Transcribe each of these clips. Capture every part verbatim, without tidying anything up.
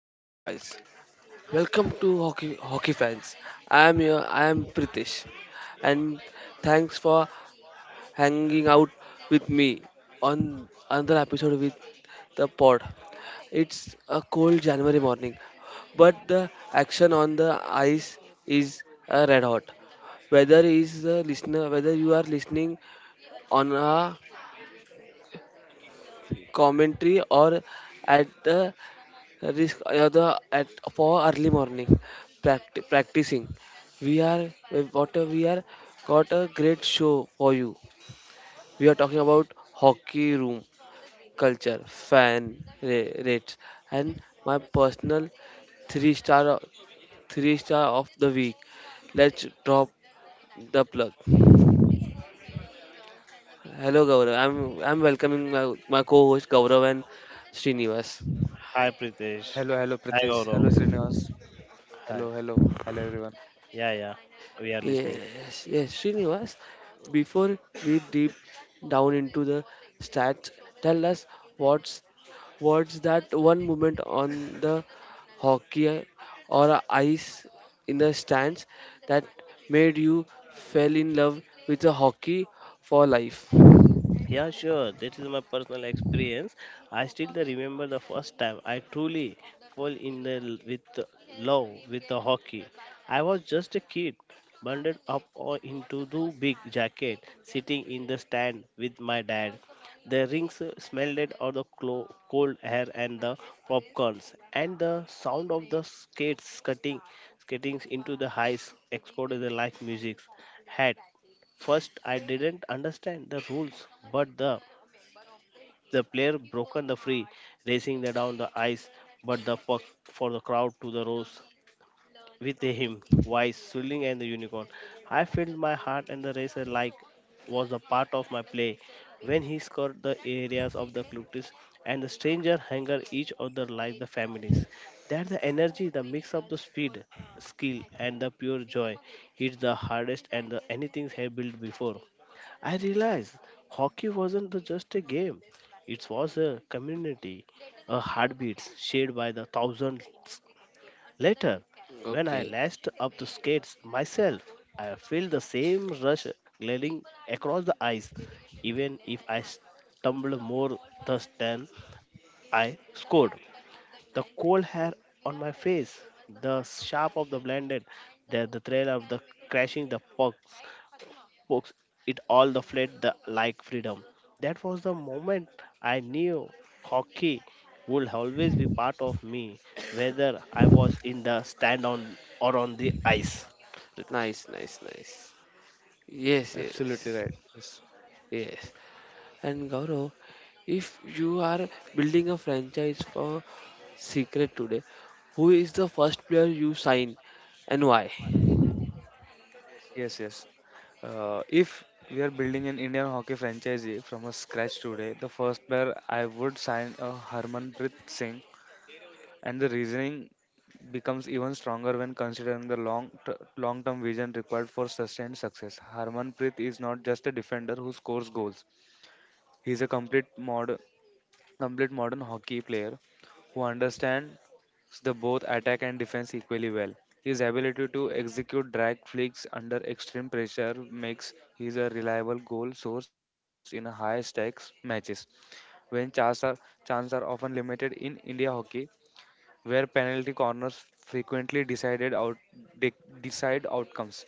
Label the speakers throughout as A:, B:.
A: what's up, guys? Welcome to Hockey Hockey Fans. I am here. I am Pritesh, and thanks for hanging out with me on another episode with the pod. It's a cold January morning, but the action on the ice is uh, red hot. Whether is the listener, whether you are listening on a commentary or at the risk other at for early morning practi- practicing, we are uh, what uh, we are got a great show for you. We are talking about hockey room culture fan ra- rates and my personal three star o- three star of the week. Let's drop the plug. Hello, Gaurav. I'm i'm welcoming my, my co-host Gaurav and Srinivas.
B: Hi Pritesh.
C: Hello, hello,
B: Hi
C: Pritesh.
B: Gaurav.
C: Hello, Srinivas.
B: Hi.
C: Hello, hello, hello, everyone.
B: Yeah, yeah. We are listening.
A: Yes, yes, Srinivas. Before we deep down into the stats, tell us what's what's that one moment on the hockey or ice in the stands that made you fell in love with the hockey for life.
B: Yeah, sure. That is my personal experience. I still the remember the first time I truly fall in the l- with the love with the hockey. I was just a kid, bundled up o- into the big jacket, sitting in the stand with my dad. The rings uh, smelled of the clo- cold air and the popcorns, and the sound of the skates cutting, skating into the ice exploded like music. First, I didn't understand the rules, but the the player broken the free, racing the down the ice, but the puck for the crowd to the rows with a hymn, wise, swirling, and the unicorn. I felt my heart and the racer like was a part of my play. When he scored the areas of the Clutis and the stranger hanger each other like the families. That the energy, the mix of the speed, skill, and the pure joy hits the hardest and the anything I built before. I realized hockey wasn't the- just a game. It was a community, a heartbeat shared by the thousands. Later, when I
A: Okay,
B: lashed up the skates myself, I felt the same rush gliding across the ice, even if I stumbled more thus than I scored. The cold hair on my face, the sharp of the blinded, the, the thrill of the crashing the puck, books it all the fled the like freedom. That was the moment I knew hockey would always be part of me, whether I was in the stand on or on the ice, Pritesh.
A: nice, nice, nice. Yes,
C: Absolutely
A: yes,
C: right. Yes.
A: yes. And Gaurav, if you are building a franchise for Secret today, who is the first player you sign and why?
C: Yes, yes. Uh, if we are building an Indian hockey franchise from a scratch today, the first player I would sign a Harmanpreet Singh, and the reasoning becomes even stronger when considering the long t- long-term vision required for sustained success. Harmanpreet is not just a defender who scores goals; he is a complete mod complete modern hockey player who understands the both attack and defense equally well. His ability to execute drag flicks under extreme pressure makes him a reliable goal source in high stakes matches. When chances are, chances are often limited in India hockey, where penalty corners frequently decided out de- decide outcomes.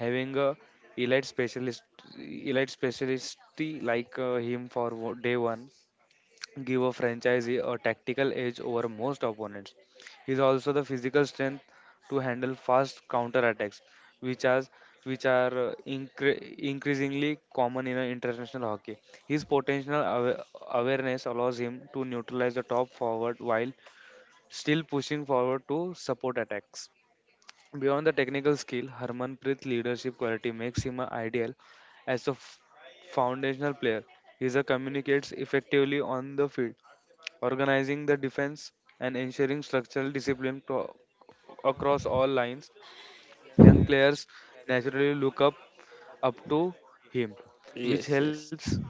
C: Having a elite specialist elite specialist like uh, him for wo- day one give a franchisee a tactical edge over most opponents. He is also the physical strength to handle fast counterattacks, which are which are uh, incre- increasingly common in uh, international hockey. His potential awa- awareness allows him to neutralize the top forward while still pushing forward to support attacks. Beyond the technical skill, Harmanpreet's leadership quality makes him uh, ideal as a f- foundational player. He is a communicates effectively on the field organizing the defense and ensuring structural discipline pro- across all lines. Young players naturally look up up to him,
A: Yes,
C: which
A: yes.
C: helps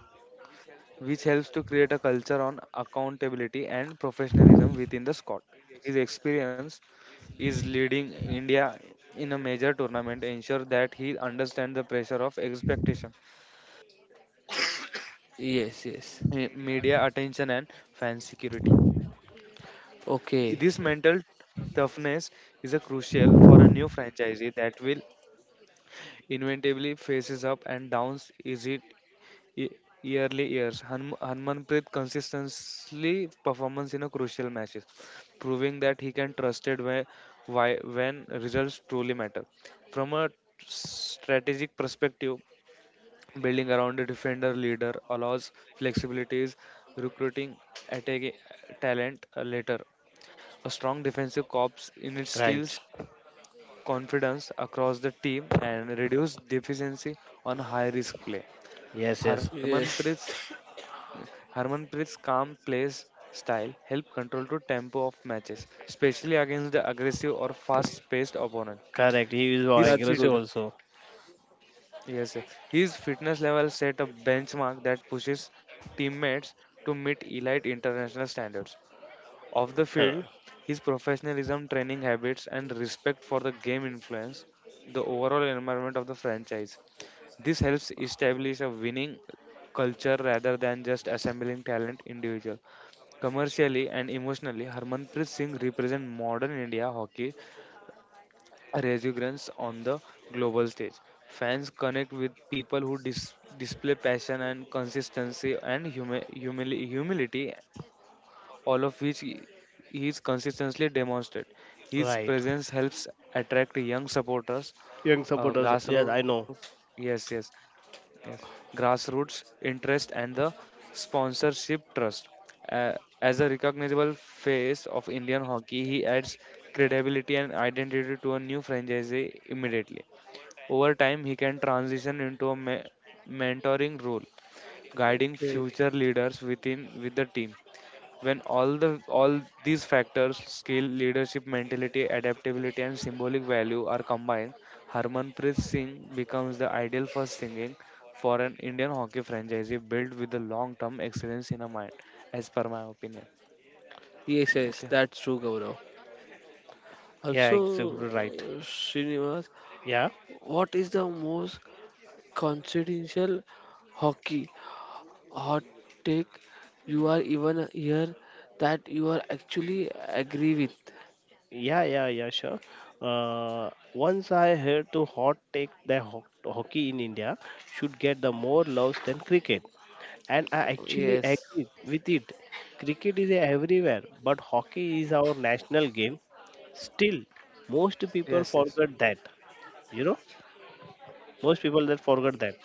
C: which helps to create a culture on accountability and professionalism within the squad. His experience is leading India in a major tournament ensure that he understands the pressure of expectation,
A: Yes, yes.
C: eh, media attention and fan security.
A: Okay.
C: This mental toughness is a crucial for a new franchisee that will inevitably faces up and downs is it ye- yearly years. Han- Harmanpreet consistently performance in a crucial matches, proving that he can trusted whe- why when results truly matter. From a strategic perspective, building around a defender leader allows flexibilities, recruiting attacking talent later a strong defensive corps instills
B: Right.
C: confidence across the team and reduces deficiency on high risk play.
B: Yes, yes.
C: Harmanpreet's
A: Yes,
C: Harmanpreet's calm plays style help control the tempo of matches, especially against the aggressive or fast-paced opponent.
B: Correct, he is
C: His fit,
A: that's
B: aggressive
A: good.
B: also.
C: yes, yes, his fitness level set a benchmark that pushes teammates to meet elite international standards. Off the
B: Uh,
C: field, his professionalism, training habits, and respect for the game influence the overall environment of the franchise. This helps establish a winning culture rather than just assembling talent individual. Commercially and emotionally, Harmanpreet Singh represents modern India hockey resurgence on the global stage. Fans connect with people who dis- display passion and consistency and humi- humili- humility all of which he he is consistently demonstrated. His
B: right
C: presence helps attract young supporters,
B: Young
C: uh,
B: supporters, yes,
C: grassroots,
B: I know.
C: yes, yes, yes, grassroots interest and the sponsorship trust. Uh, as a recognizable face of Indian hockey, he adds credibility and identity to a new franchise immediately. Over time, he can transition into a me- mentoring role, guiding
A: Okay.
C: future leaders within with the team. When all the all these factors, skill, leadership, mentality, adaptability, and symbolic value are combined, Harmanpreet Singh becomes the ideal first singing for an Indian hockey franchise built with the long-term excellence in a mind, as per my opinion.
A: Yes, yes,
C: Okay.
A: that's true, Gaurav.
B: Yeah, exactly
A: Also,
B: right.
A: uh, Srinivas,
B: Yeah.
A: what is the most confidential hockey hot take you are even here that you are actually agree with?
B: Yeah, yeah, yeah, sure. Uh, once I heard to hot take that ho- hockey in India should get the more loves than cricket, and I actually
A: Yes,
B: agree with it. Cricket is everywhere, but hockey is our national game. Still, most people
C: Yes. Yes.
B: forget that. You know, most people that forget that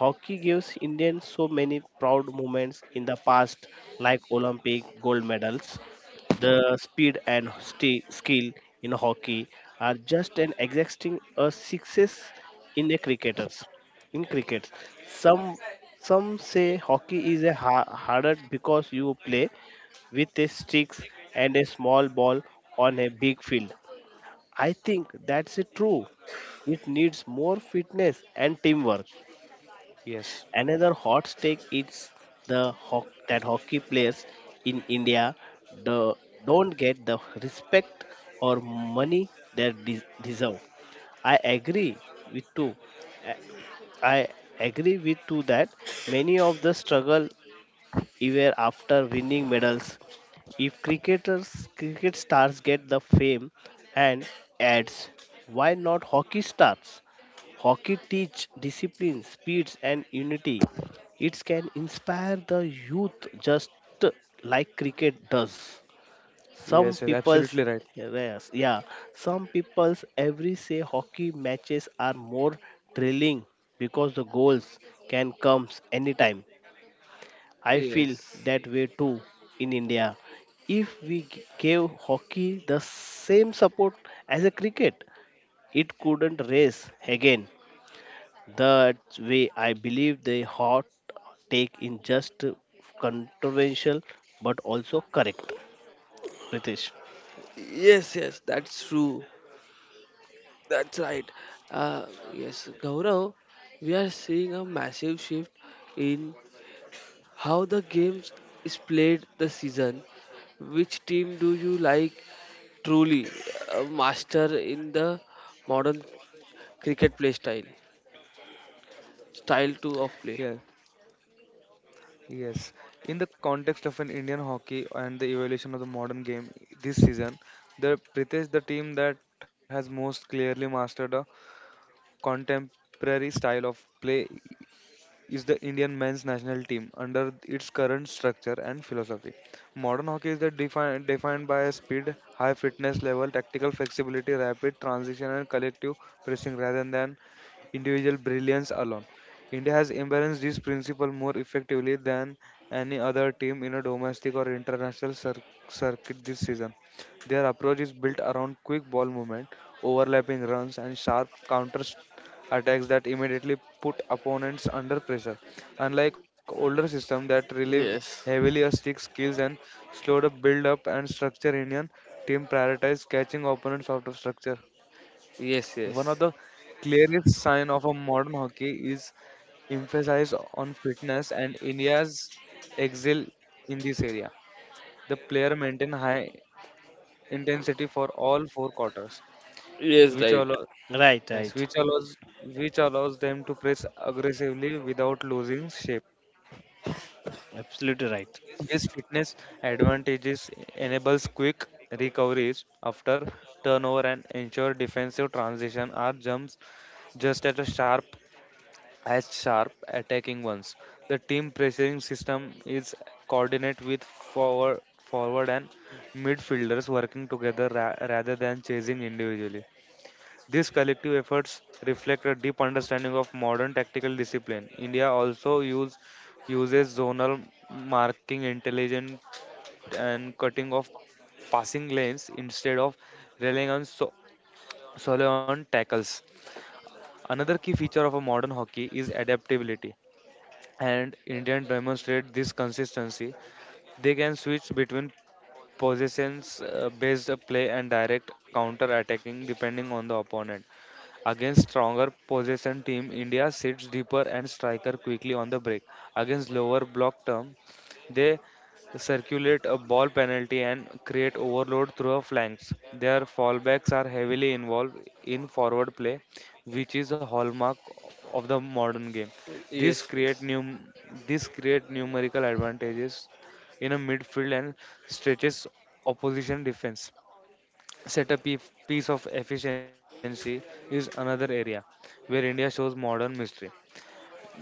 B: hockey gives Indians so many proud moments in the past, like Olympic gold medals the speed and sti- skill in hockey are just an exacting a success in a cricketers. In cricket, some some say hockey is a ha- harder because you play with a sticks and a small ball on a big field. I think that's a true. It needs more fitness and teamwork.
C: Yes.
B: Another hot take is the ho- that hockey players in India do- don't get the respect or money they de- deserve. I agree with too. I I agree with too that many of the struggle even after winning medals. If cricketers, cricket stars get the fame and ads, why not hockey stars? Hockey teach discipline, speeds, and unity. It can inspire the youth just like cricket does. Some
C: Yes, yes,
B: people's,
C: absolutely right.
B: yes, yeah, some people's every say hockey matches are more thrilling because the goals can come anytime. I feel
A: yes,
B: that way too in India. If we g- gave hockey the same support as a cricket, it couldn't race again. That's way I believe the hot take in just controversial but also correct. Pritesh.
A: yes, yes, that's true. That's right. Uh, yes, Gaurav, we are seeing a massive shift in how the games is played the season. Which team do you like truly a master in the modern cricket play style? Style to of play.
C: Yes, yes. In the context of an Indian hockey and the evolution of the modern game this season, the Pritesh, the team that has most clearly mastered a contemporary style of play is the Indian men's national team under its current structure and philosophy. Modern hockey is the defined, defined by speed, high fitness level, tactical flexibility, rapid transition, and collective pressing rather than individual brilliance alone. India has embraced this principle more effectively than any other team in a domestic or international cir- circuit this season. Their approach is built around quick ball movement, overlapping runs, and sharp counter attacks that immediately put opponents under pressure. Unlike older systems that relieve
A: Yes,
C: heavily on stick skills and slow the build up and structure, Indian team prioritize catching opponents out of structure.
A: yes,
C: One of
A: yes,
C: the clearest sign of a modern hockey is emphasize on fitness and India's excel in this area. The player maintain high intensity for all four quarters,
A: yes,
C: which
A: right.
C: allo-
B: Right,
C: yes,
B: right.
C: which allows which allows them to press aggressively without losing shape.
B: Absolutely right.
C: This fitness advantages enables quick recoveries after turnover and ensure defensive transition or jumps just as sharp as sharp attacking ones. The team pressing system is coordinate with forward forward and midfielders working together ra- rather than chasing individually. These collective efforts reflect a deep understanding of modern tactical discipline. India also use, uses zonal marking, intelligent and cutting of passing lanes instead of relying on so- solely on tackles. Another key feature of a modern hockey is adaptability, and Indians demonstrate this consistency. They can switch between possessions uh, based play and direct counter attacking depending on the opponent. Against stronger possession team, India sits deeper and striker quickly on the break. Against lower block term, they circulate a ball penalty and create overload through a flanks. Their fallbacks are heavily involved in forward play, which is a hallmark of of the modern game. This
A: Yes,
C: create
A: yes.
C: num- this create numerical advantages in a midfield and stretches opposition defense set a piece of efficiency is another area where India shows modern mystery.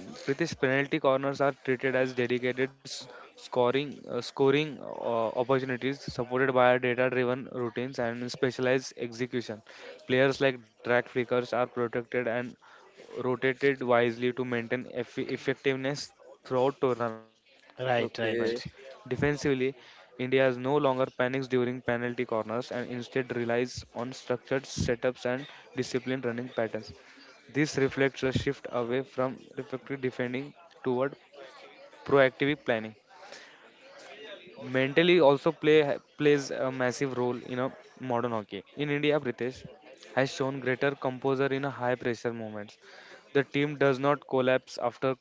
C: Pritish penalty corners are treated as dedicated s- scoring uh, scoring uh, opportunities supported by data-driven routines and specialized execution. Players like drag flickers are protected and rotated wisely to maintain eff- effectiveness throughout tournaments.
B: Right,
C: Defensively,
B: right,
A: Okay.
C: India is no longer panics during penalty corners and instead relies on structured setups and disciplined running patterns. This reflects a shift away from reflective defending toward proactive planning. Mentally also play plays a massive role in a modern hockey. In India, Pritesh has shown greater composure in a high pressure moments. The team does not collapse after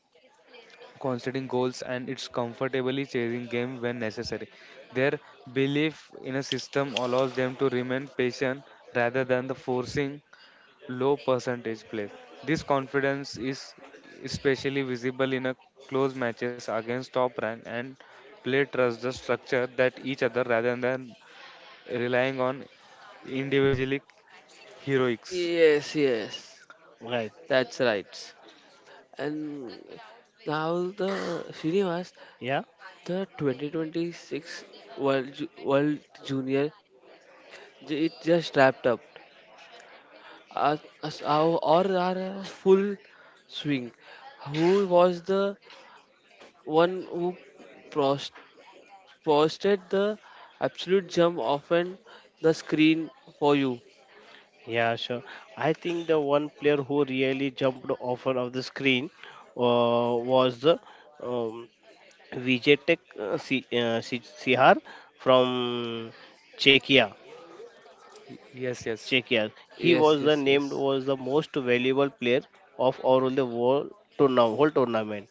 C: conceding goals and it's comfortably chasing game when necessary. Their belief in a system allows them to remain patient rather than the forcing low percentage plays. This confidence is especially visible in a close matches against top rank and play trust the structure that each other rather than relying on individually heroics.
A: Yes, yes.
B: right.
A: That's right. And now the Srinivas,
B: Yeah,
A: the twenty twenty-six World Ju- World Junior, j- it just wrapped up. Our, our, or our full swing. Who was the one who post, posted the absolute jump off and the screen for you?
B: yeah, sure. I think the one player who really jumped off of the screen uh, was the um, Vijay Tech uh, Si- uh, Si- Sihar from Czechia.
C: Yes, yes.
B: Czechia. He
A: Yes,
B: was the
A: yes, yes.
B: named was the most valuable player of all the world tournament, whole tournament.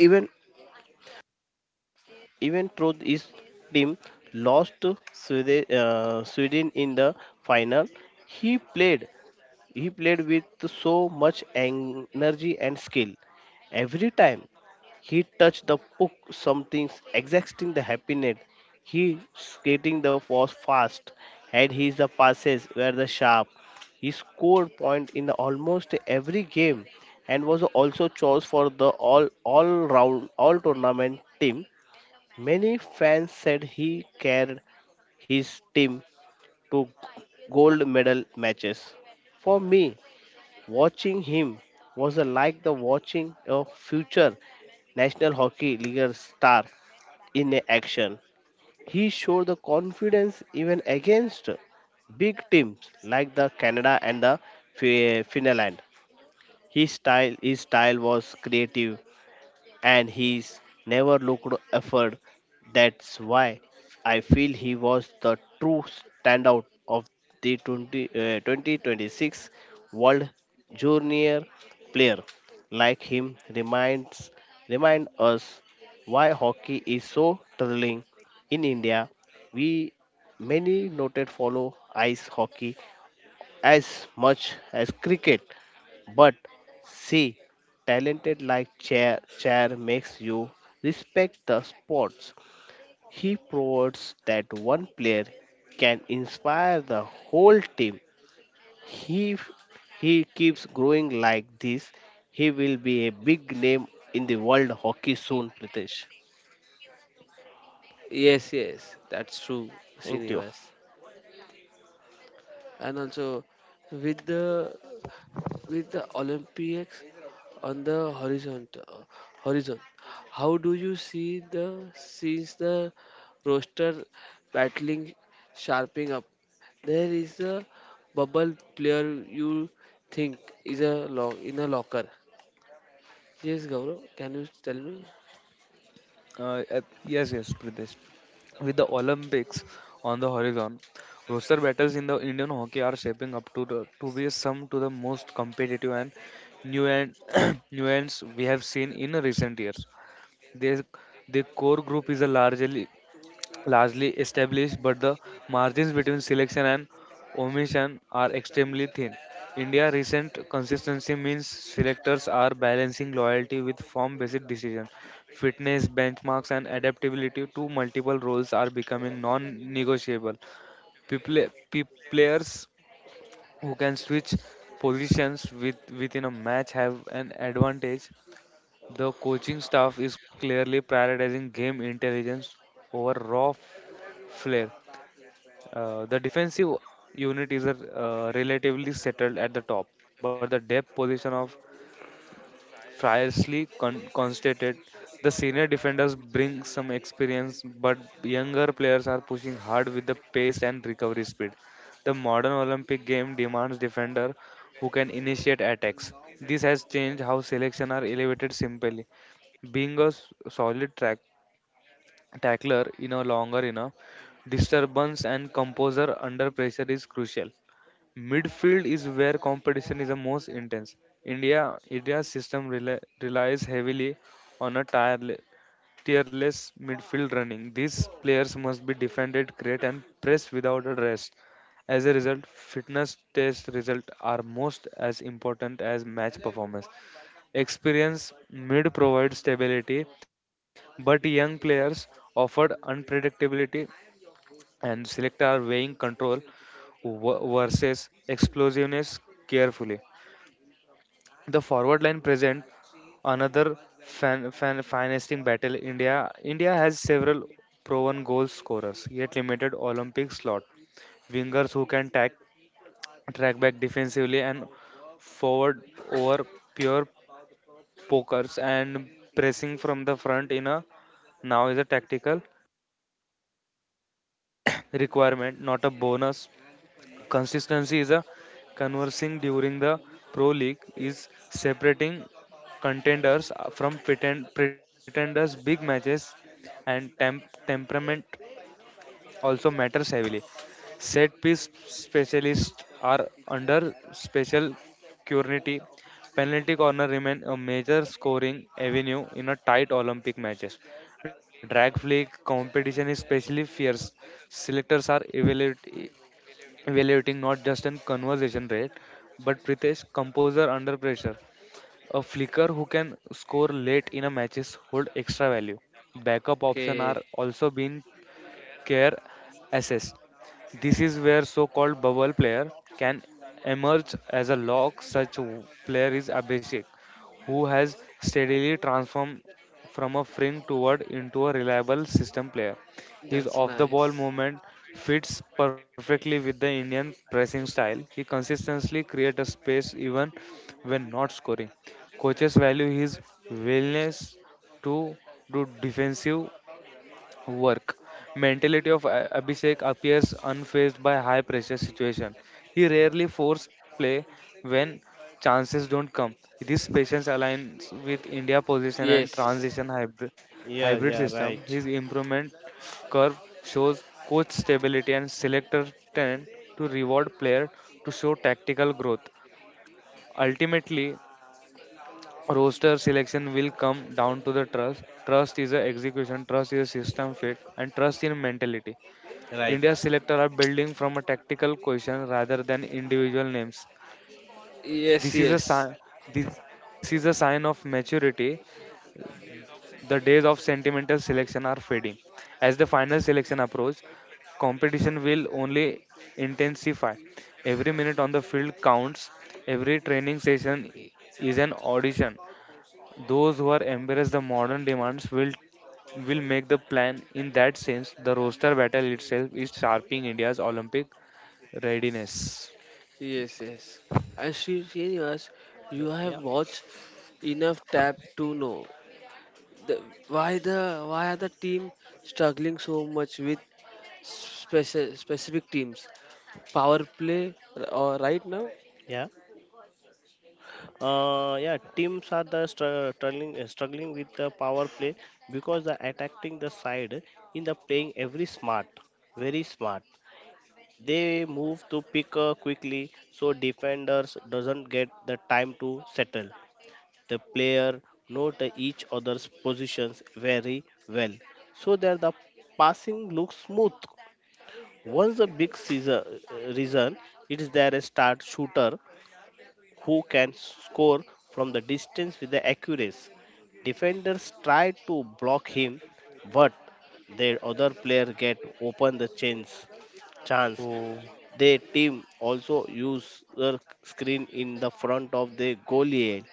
B: Even even though his team lost to Sweden, uh, Sweden in the final, he played He played with so much en- energy and skill. Every time he touched the puck, something exacting the happy net. He skating the was fast, and his the passes were the sharp. He scored point in the almost every game, and was also chose for the all all round all tournament team. Many fans said he carried his team to gold medal matches. For me, watching him was like the watching a future National Hockey League star in action. He showed the confidence even against big teams like the Canada and the Fi- Finland. His style, his style was creative, and he's never looked effort. That's why I feel he was the true standout of the twenty, uh, twenty twenty-six World Junior player. Like him reminds remind us why hockey is so thrilling in India. We many noted follow ice hockey as much as cricket. But see, talented like Chair, Chair makes you respect the sports. He proves that one player can inspire the whole team. He he keeps growing like this. He will be a big name in the world hockey soon, Pritesh.
A: Yes, yes, that's true,
B: Thank you.
A: Srinivas. And also with the with the Olympics on the horizon, uh, horizon. How do you see the since the roster battling sharpening up? There is a bubble player you think is a lock in a locker. Yes, Gaurav, can you tell me?
C: Uh, uh, yes, yes, Pradesh. With the Olympics on the horizon, roster battles in the Indian hockey are shaping up to the, to be some to the most competitive and new nuance nuance we have seen in recent years. Their, the core group is a largely largely established, but the margins between selection and omission are extremely thin. India recent consistency means selectors are balancing loyalty with form-based decision. Fitness, benchmarks, and adaptability to multiple roles are becoming non-negotiable. People, pe- players who can switch positions with, within a match have an advantage the coaching staff is clearly prioritizing game intelligence over raw flair. Uh, the defensive unit is uh, relatively settled at the top, but the depth position of fiercely con- constated. The senior defenders bring some experience, but younger players are pushing hard with the pace and recovery speed. The modern Olympic game demands defender who can initiate attacks. This has changed how selection are elevated simply being a s- solid track, tackler in a longer enough disturbance and composer under pressure is crucial. Midfield is where competition is the most intense. India India's system rela relies heavily on a tireless, tireless midfield running. These players must be defended, create, and press without a rest. As a result, fitness test results are most as important as match performance. Experience mid provides stability, but young players offered unpredictability and select are weighing control w- versus explosiveness carefully. The forward line present another fan, fan, financing battle. India India has several proven goal scorers, yet limited Olympic slot. Wingers who can tack, track back defensively and forward over pure pokers and pressing from the front in a now is a tactical requirement, not a bonus. Consistency is a conversing during the pro league is separating contenders from pretend, pretenders big matches and temp, temperament also matters heavily. Set piece specialists are under special scrutiny. Penalty corner remain a major scoring avenue in a tight Olympic matches. Drag flick competition is especially fierce. Selectors are evaluate, evaluating not just an conversation rate, but Pritesh composer under pressure. A flicker who can score late in a matches hold extra value. Backup option
A: Okay,
C: are also being care assessed. This is where so-called bubble player can emerge as a lock. Such w- player is Abhishek, who has steadily transformed from a fringe toward into a reliable system player. His
A: that's
C: off-the-ball
A: nice.
C: movement fits perfectly with the Indian pressing style. He consistently creates a space even when not scoring. Coaches value his willingness to do defensive work. Mentality of A- Abhishek appears unfazed by high pressure situation. He rarely force play when chances don't come. This patience aligns with India position and
A: Yes,
C: transition hybrid,
B: Yeah,
C: hybrid
B: yeah,
C: system.
B: right,
C: His improvement curve shows coach stability and selector tend to reward player to show tactical growth. Ultimately, roster selection will come down to the trust. Trust is a execution, trust is a system fit, and trust in mentality.
B: right.
C: India's selectors are building from a tactical question rather than individual names.
A: yes,
C: This is a
A: yes,
C: sign. This is a sign of maturity. The days of sentimental selection are fading. As the final selection approaches, competition will only intensify. Every minute on the field counts. Every training session i- is an audition. Those who are embrace the modern demands will will make the plan in that sense the roster battle itself is sharpening india's olympic Readiness.
A: yes, yes. And Sri Srinivas, you have
B: Yeah.
A: watched enough tap to know the, why the why are the team struggling so much with speci- specific teams power play or right now.
B: Yeah. Uh, yeah, teams are the str- struggling uh, struggling with the power play because the attacking the side in the playing every smart, very smart. They move to pick uh, quickly so defenders doesn't get the time to settle. The player note each other's positions very well so that the passing looks smooth. Once the big season, uh, reason it is there a start shooter who can score from the distance with the accuracy. Defenders try to block him, but their other player get open the chance. Chance.
C: Oh.
B: Their team also use their screen in the front of the goalie,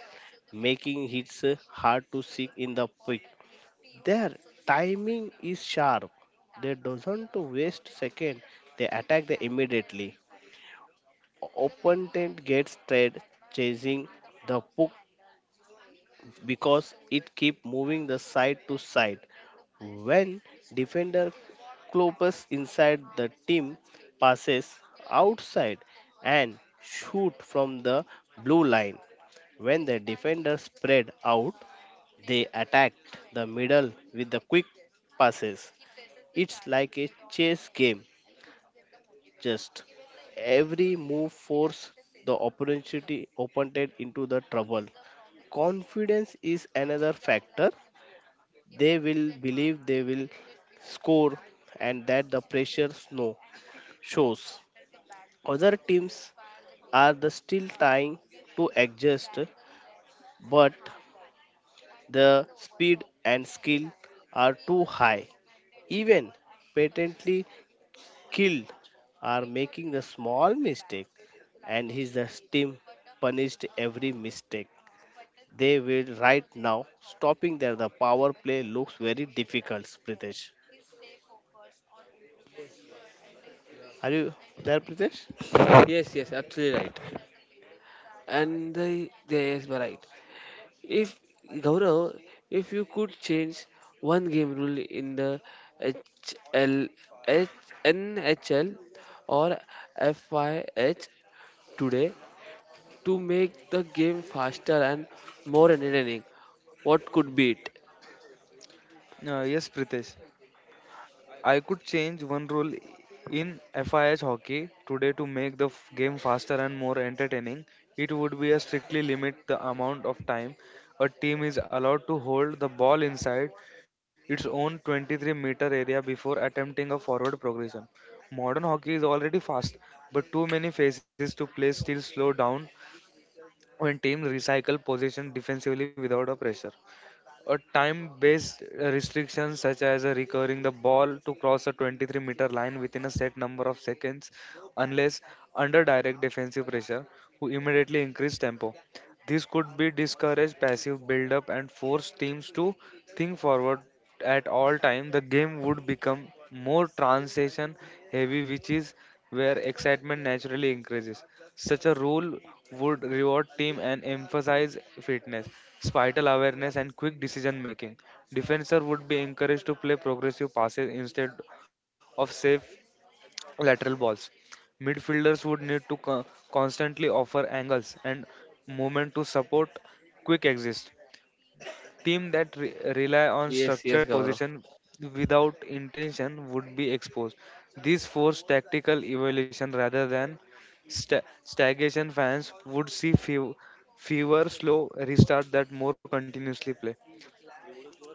B: making hits hard to seek in the pick. Their timing is sharp. They doesn't to waste second. They attack the immediately. Opponent gets tired chasing the puck because it keep moving the side to side. When defender Clopas inside the team passes outside and shoot from the blue line. When the defender spread out, they attacked the middle with the quick passes. It's like a chess game. Just every move force the opportunity opponent into the trouble. Confidence is another factor they will believe they will score and that the pressure snow shows. Other teams are the still trying to adjust, but the speed and skill are too high. Even patently killed are making the small mistake and his the team punished every mistake. They will right now stopping there. The power play looks very difficult, Pritesh. Are you there, Pritesh?
A: Yes, yes, absolutely right. And the, yes, but right, if Gaurav, if you could change one game rule in the H L H N H L or F Y H today to make the game faster and more entertaining, what could be it?
C: Uh, yes, Pritesh. I could change one rule in F I H hockey today to make the f- game faster and more entertaining. It would be a strictly limit the amount of time a team is allowed to hold the ball inside its own twenty-three meter area before attempting a forward progression. Modern hockey is already fast, but too many phases to play still slow down when teams recycle possession defensively without a pressure. A time-based restriction such as uh, recovering the ball to cross a twenty-three-meter line within a set number of seconds unless under direct defensive pressure who immediately increase tempo. This could be discourage passive build-up and force teams to think forward at all time. The game would become more transition heavy which is where excitement naturally increases. Such a rule would reward team and emphasize fitness, spatial awareness, and quick decision making. Defender would be encouraged to play progressive passes instead of safe lateral balls. Midfielders would need to co- constantly offer angles and movement to support quick exit. Teams that re- rely on
A: Yes, yes,
C: structured
A: Gaurav.
C: position without intention would be exposed. This forced tactical evaluation rather than sta- stagnation. Fans would see few, fewer slow restarts that more continuously play.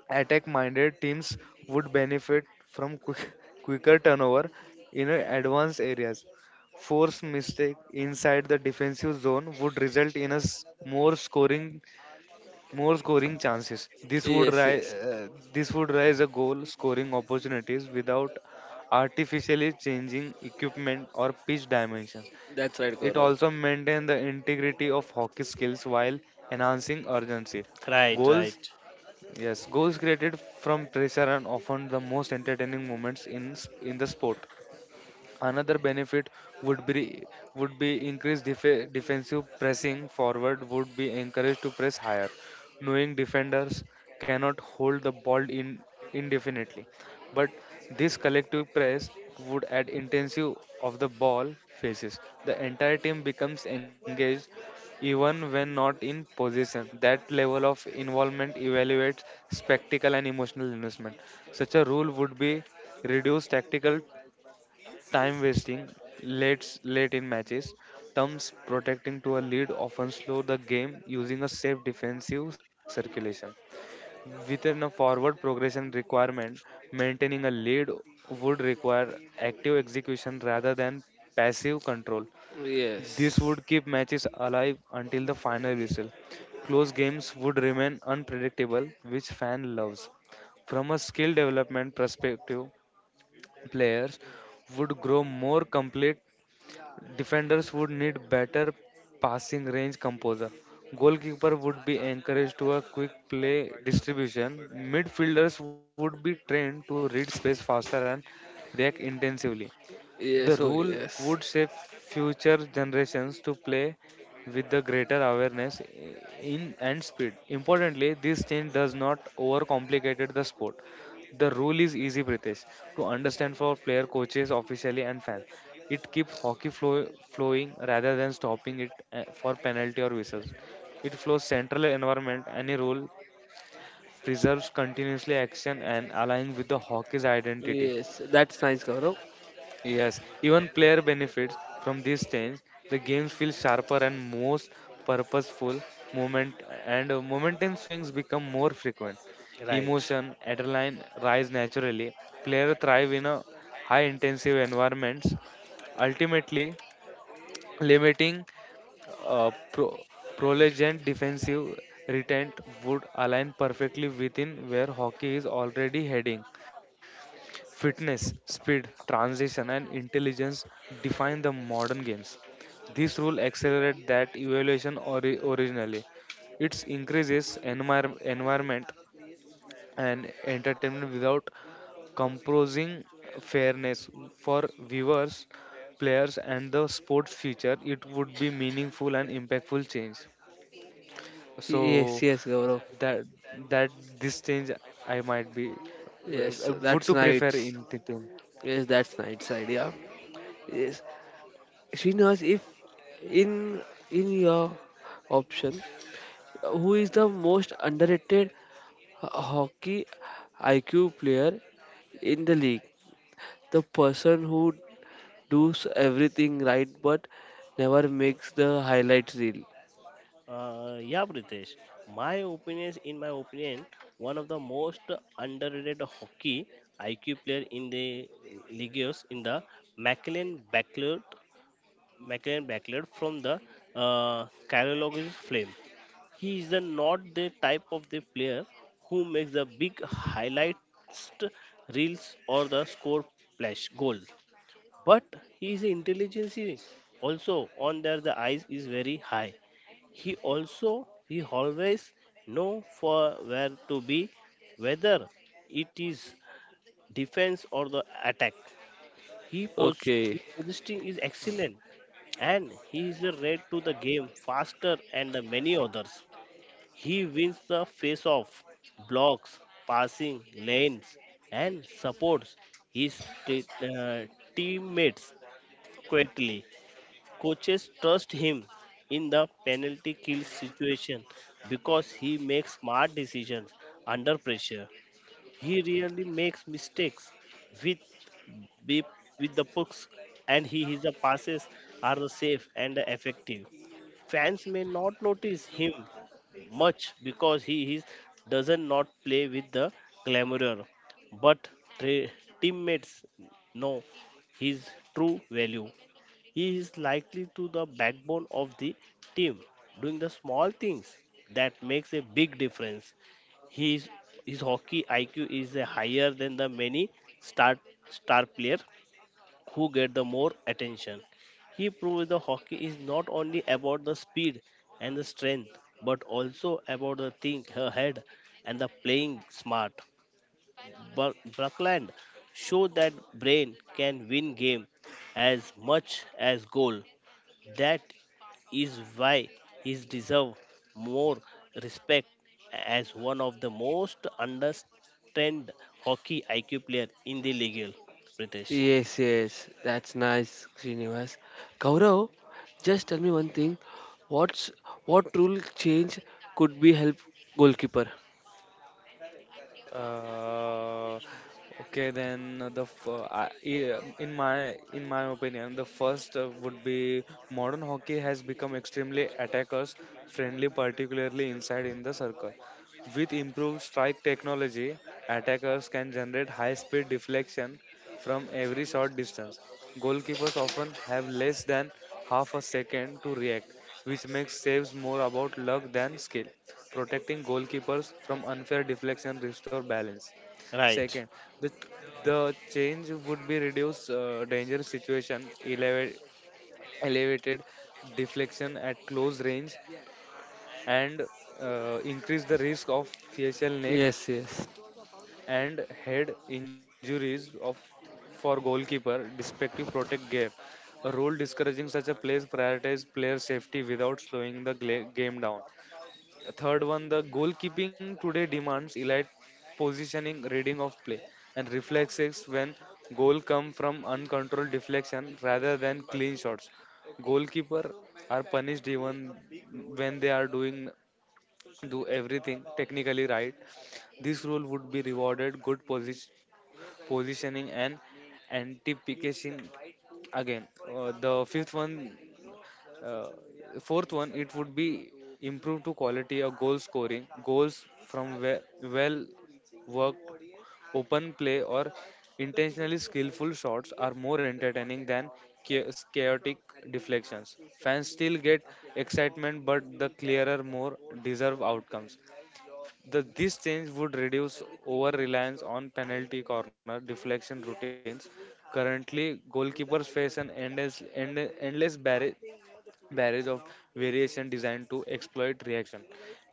C: Attack minded teams would benefit from quick, quicker turnover in advanced areas. Force mistake inside the defensive zone would result in a s- more scoring more scoring chances. This would
A: Yes,
C: ri-
A: yes.
C: uh, this would raise a goal scoring opportunities without artificially changing equipment or pitch dimensions.
A: That's right,
C: It
A: Gaurav.
C: also maintains the integrity of hockey skills while enhancing urgency.
B: Right, right,
C: Goals, yes, goals created from pressure are often the most entertaining moments in s- in the sport. Another benefit would be would be increased def- defensive pressing. Forward would be encouraged to press higher, knowing defenders cannot hold the ball in indefinitely. But this collective press would add intensive of the ball phases. The entire team becomes engaged even when not in possession. That level of involvement evaluates spectacle and emotional investment. Such a rule would be reduce tactical time wasting, late late in matches, terms protecting to a lead often slow the game using a safe defensive circulation. Within a forward progression requirement, maintaining a lead would require active execution rather than passive control. This
A: Yes.
C: would keep matches alive until the final whistle. Close games would remain unpredictable, which fan loves. From a skill development perspective, players would grow more complete, defenders would need better passing range composure. Goalkeeper would be encouraged to a quick play distribution. Midfielders would be trained to read space faster and react intensively. The
A: Yes, oh
C: rule
A: yes.
C: would shape future generations to play with the greater awareness in and speed. Importantly, this change does not overcomplicate the sport. The rule is easy, British, to understand for player coaches, officially, and fans. It keeps hockey flow, flowing rather than stopping it uh, for penalty or whistles. It flows central environment. Any rule preserves continuously action and aligning with the hockey's identity.
A: Yes, that's nice, Gaurav.
C: Yes, even player benefits from this change. The games feel sharper and most purposeful. Moment and uh, moment swings become more frequent.
B: right.
C: Emotion, adrenaline rise naturally. Player thrive in a high intensive environments, ultimately limiting uh, pro- prolegent defensive retent would align perfectly within where hockey is already heading. Fitness, speed, transition, and intelligence define the modern games. This rule accelerates that evaluation ori- originally. It increases envir- environment and entertainment without compromising fairness for viewers, players, and the sports future. It would be meaningful and impactful change.
A: Yes,
C: So
A: yes, Gaurav.
C: that that this change I might be w-
A: Yes,
C: w- would
A: that's
C: to prefer
A: nice.
C: in thinking.
A: Yes, that's nice idea. Yes. Srinivas, if in in your option, who is the most underrated ho- hockey I Q player in the league? The person who does everything right but never makes the highlights reel.
B: Uh, yeah, British. My opinion, in my opinion, one of the most underrated hockey I Q player in the leagues in the McLean Backlund, McLean Backlund from the uh, Carolina Flame. He is the, not the type of the player who makes the big highlights reels or the score flash goal, but his intelligence is also on their the eyes is very high. he also he always know for where to be, whether it is defense or the attack. He post
A: Okay.
B: his positioning is excellent, and he is the red to the game faster and the many others. He wins the face off, blocks passing lanes, and supports his t- uh, teammates quietly. Coaches trust him in the penalty kill situation because he makes smart decisions under pressure. He rarely makes mistakes with the- with the pucks, and he, his passes are the safe and effective. Fans may not notice him much because he is, doesn't not play with the glamour, but tra- teammates know his true value. He is likely to the backbone of the team, doing the small things that makes a big difference. His his hockey I Q is uh, higher than the many star star player who get the more attention. He proves the hockey is not only about the speed and the strength, but also about the think ahead and the playing smart. Bur- Buckland show that brain can win game as much as goal. That is why he deserves more respect as one of the most understand hockey I Q player in the league. British.
A: Yes, yes, that's nice, Srinivas. Gaurav, just tell me one thing. What's what rule change could be help goalkeeper?
C: Uh, okay, then uh, the f- uh, I- I- in my in my opinion, the first uh, would be modern hockey has become extremely attackers friendly, particularly inside in the circle. With improved strike technology, attackers can generate high speed deflection from every short distance. Goalkeepers often have less than half a second to react, which makes saves more about luck than skill protecting goalkeepers from unfair deflection restore balance
B: Right.
C: second the the change would be reduce uh, danger situation elevate, elevated deflection at close range and uh, increase the risk of facial neck
A: Yes, yes.
C: and head injuries of for goalkeeper respective protect gear a rule discouraging such a plays prioritize player safety without slowing the gla- game down. Third one, the goalkeeping today demands elite positioning, reading of play, and reflexes when goal come from uncontrolled deflection rather than clean shots. Goalkeeper are punished even when they are doing do everything technically right. This rule would be rewarded good position, positioning and anticipation again. Uh, the fifth one uh, fourth one, it would be improve to quality or goal scoring, goals from we- well worked open play or intentionally skillful shots are more entertaining than cha- chaotic deflections. Fans still get excitement, but the clearer, more deserved outcomes. The, this change would reduce over reliance on penalty corner deflection routines. Currently, goalkeepers face an endless, end, endless barrage barrage of variation designed to exploit reaction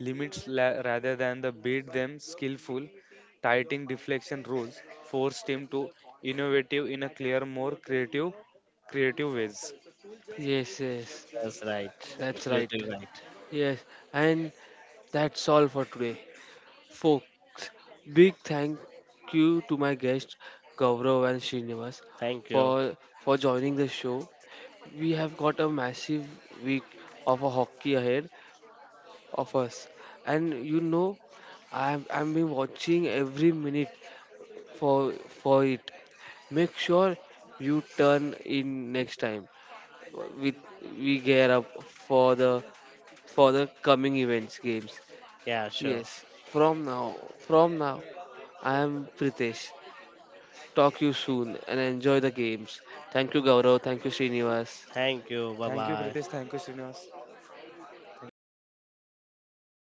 C: limits la- rather than the beat them skillful tightening deflection rules forced him to innovative in a clear more creative creative ways.
A: Yes, yes,
B: Yes, right.
A: that's right.
B: Absolutely right.
A: Yes, and that's all for today, folks. Big thank you to my guests Gaurav and Srinivas
B: Thank you.
A: for for joining the show. We have got a massive week of a hockey ahead, of us, and you know i'm i'm been watching every minute for for it. Make sure you turn in next time. We we gear up for the for the coming events games.
B: Yeah, sure.
A: Yes, from now from now I am Pritesh. Talk you soon and enjoy the games. Thank you, Gaurav. Thank you, Srinivas.
B: Thank you.
C: Thank
B: Bye
C: you Pritesh,
B: bye.
C: thank you Srinivas, thank you.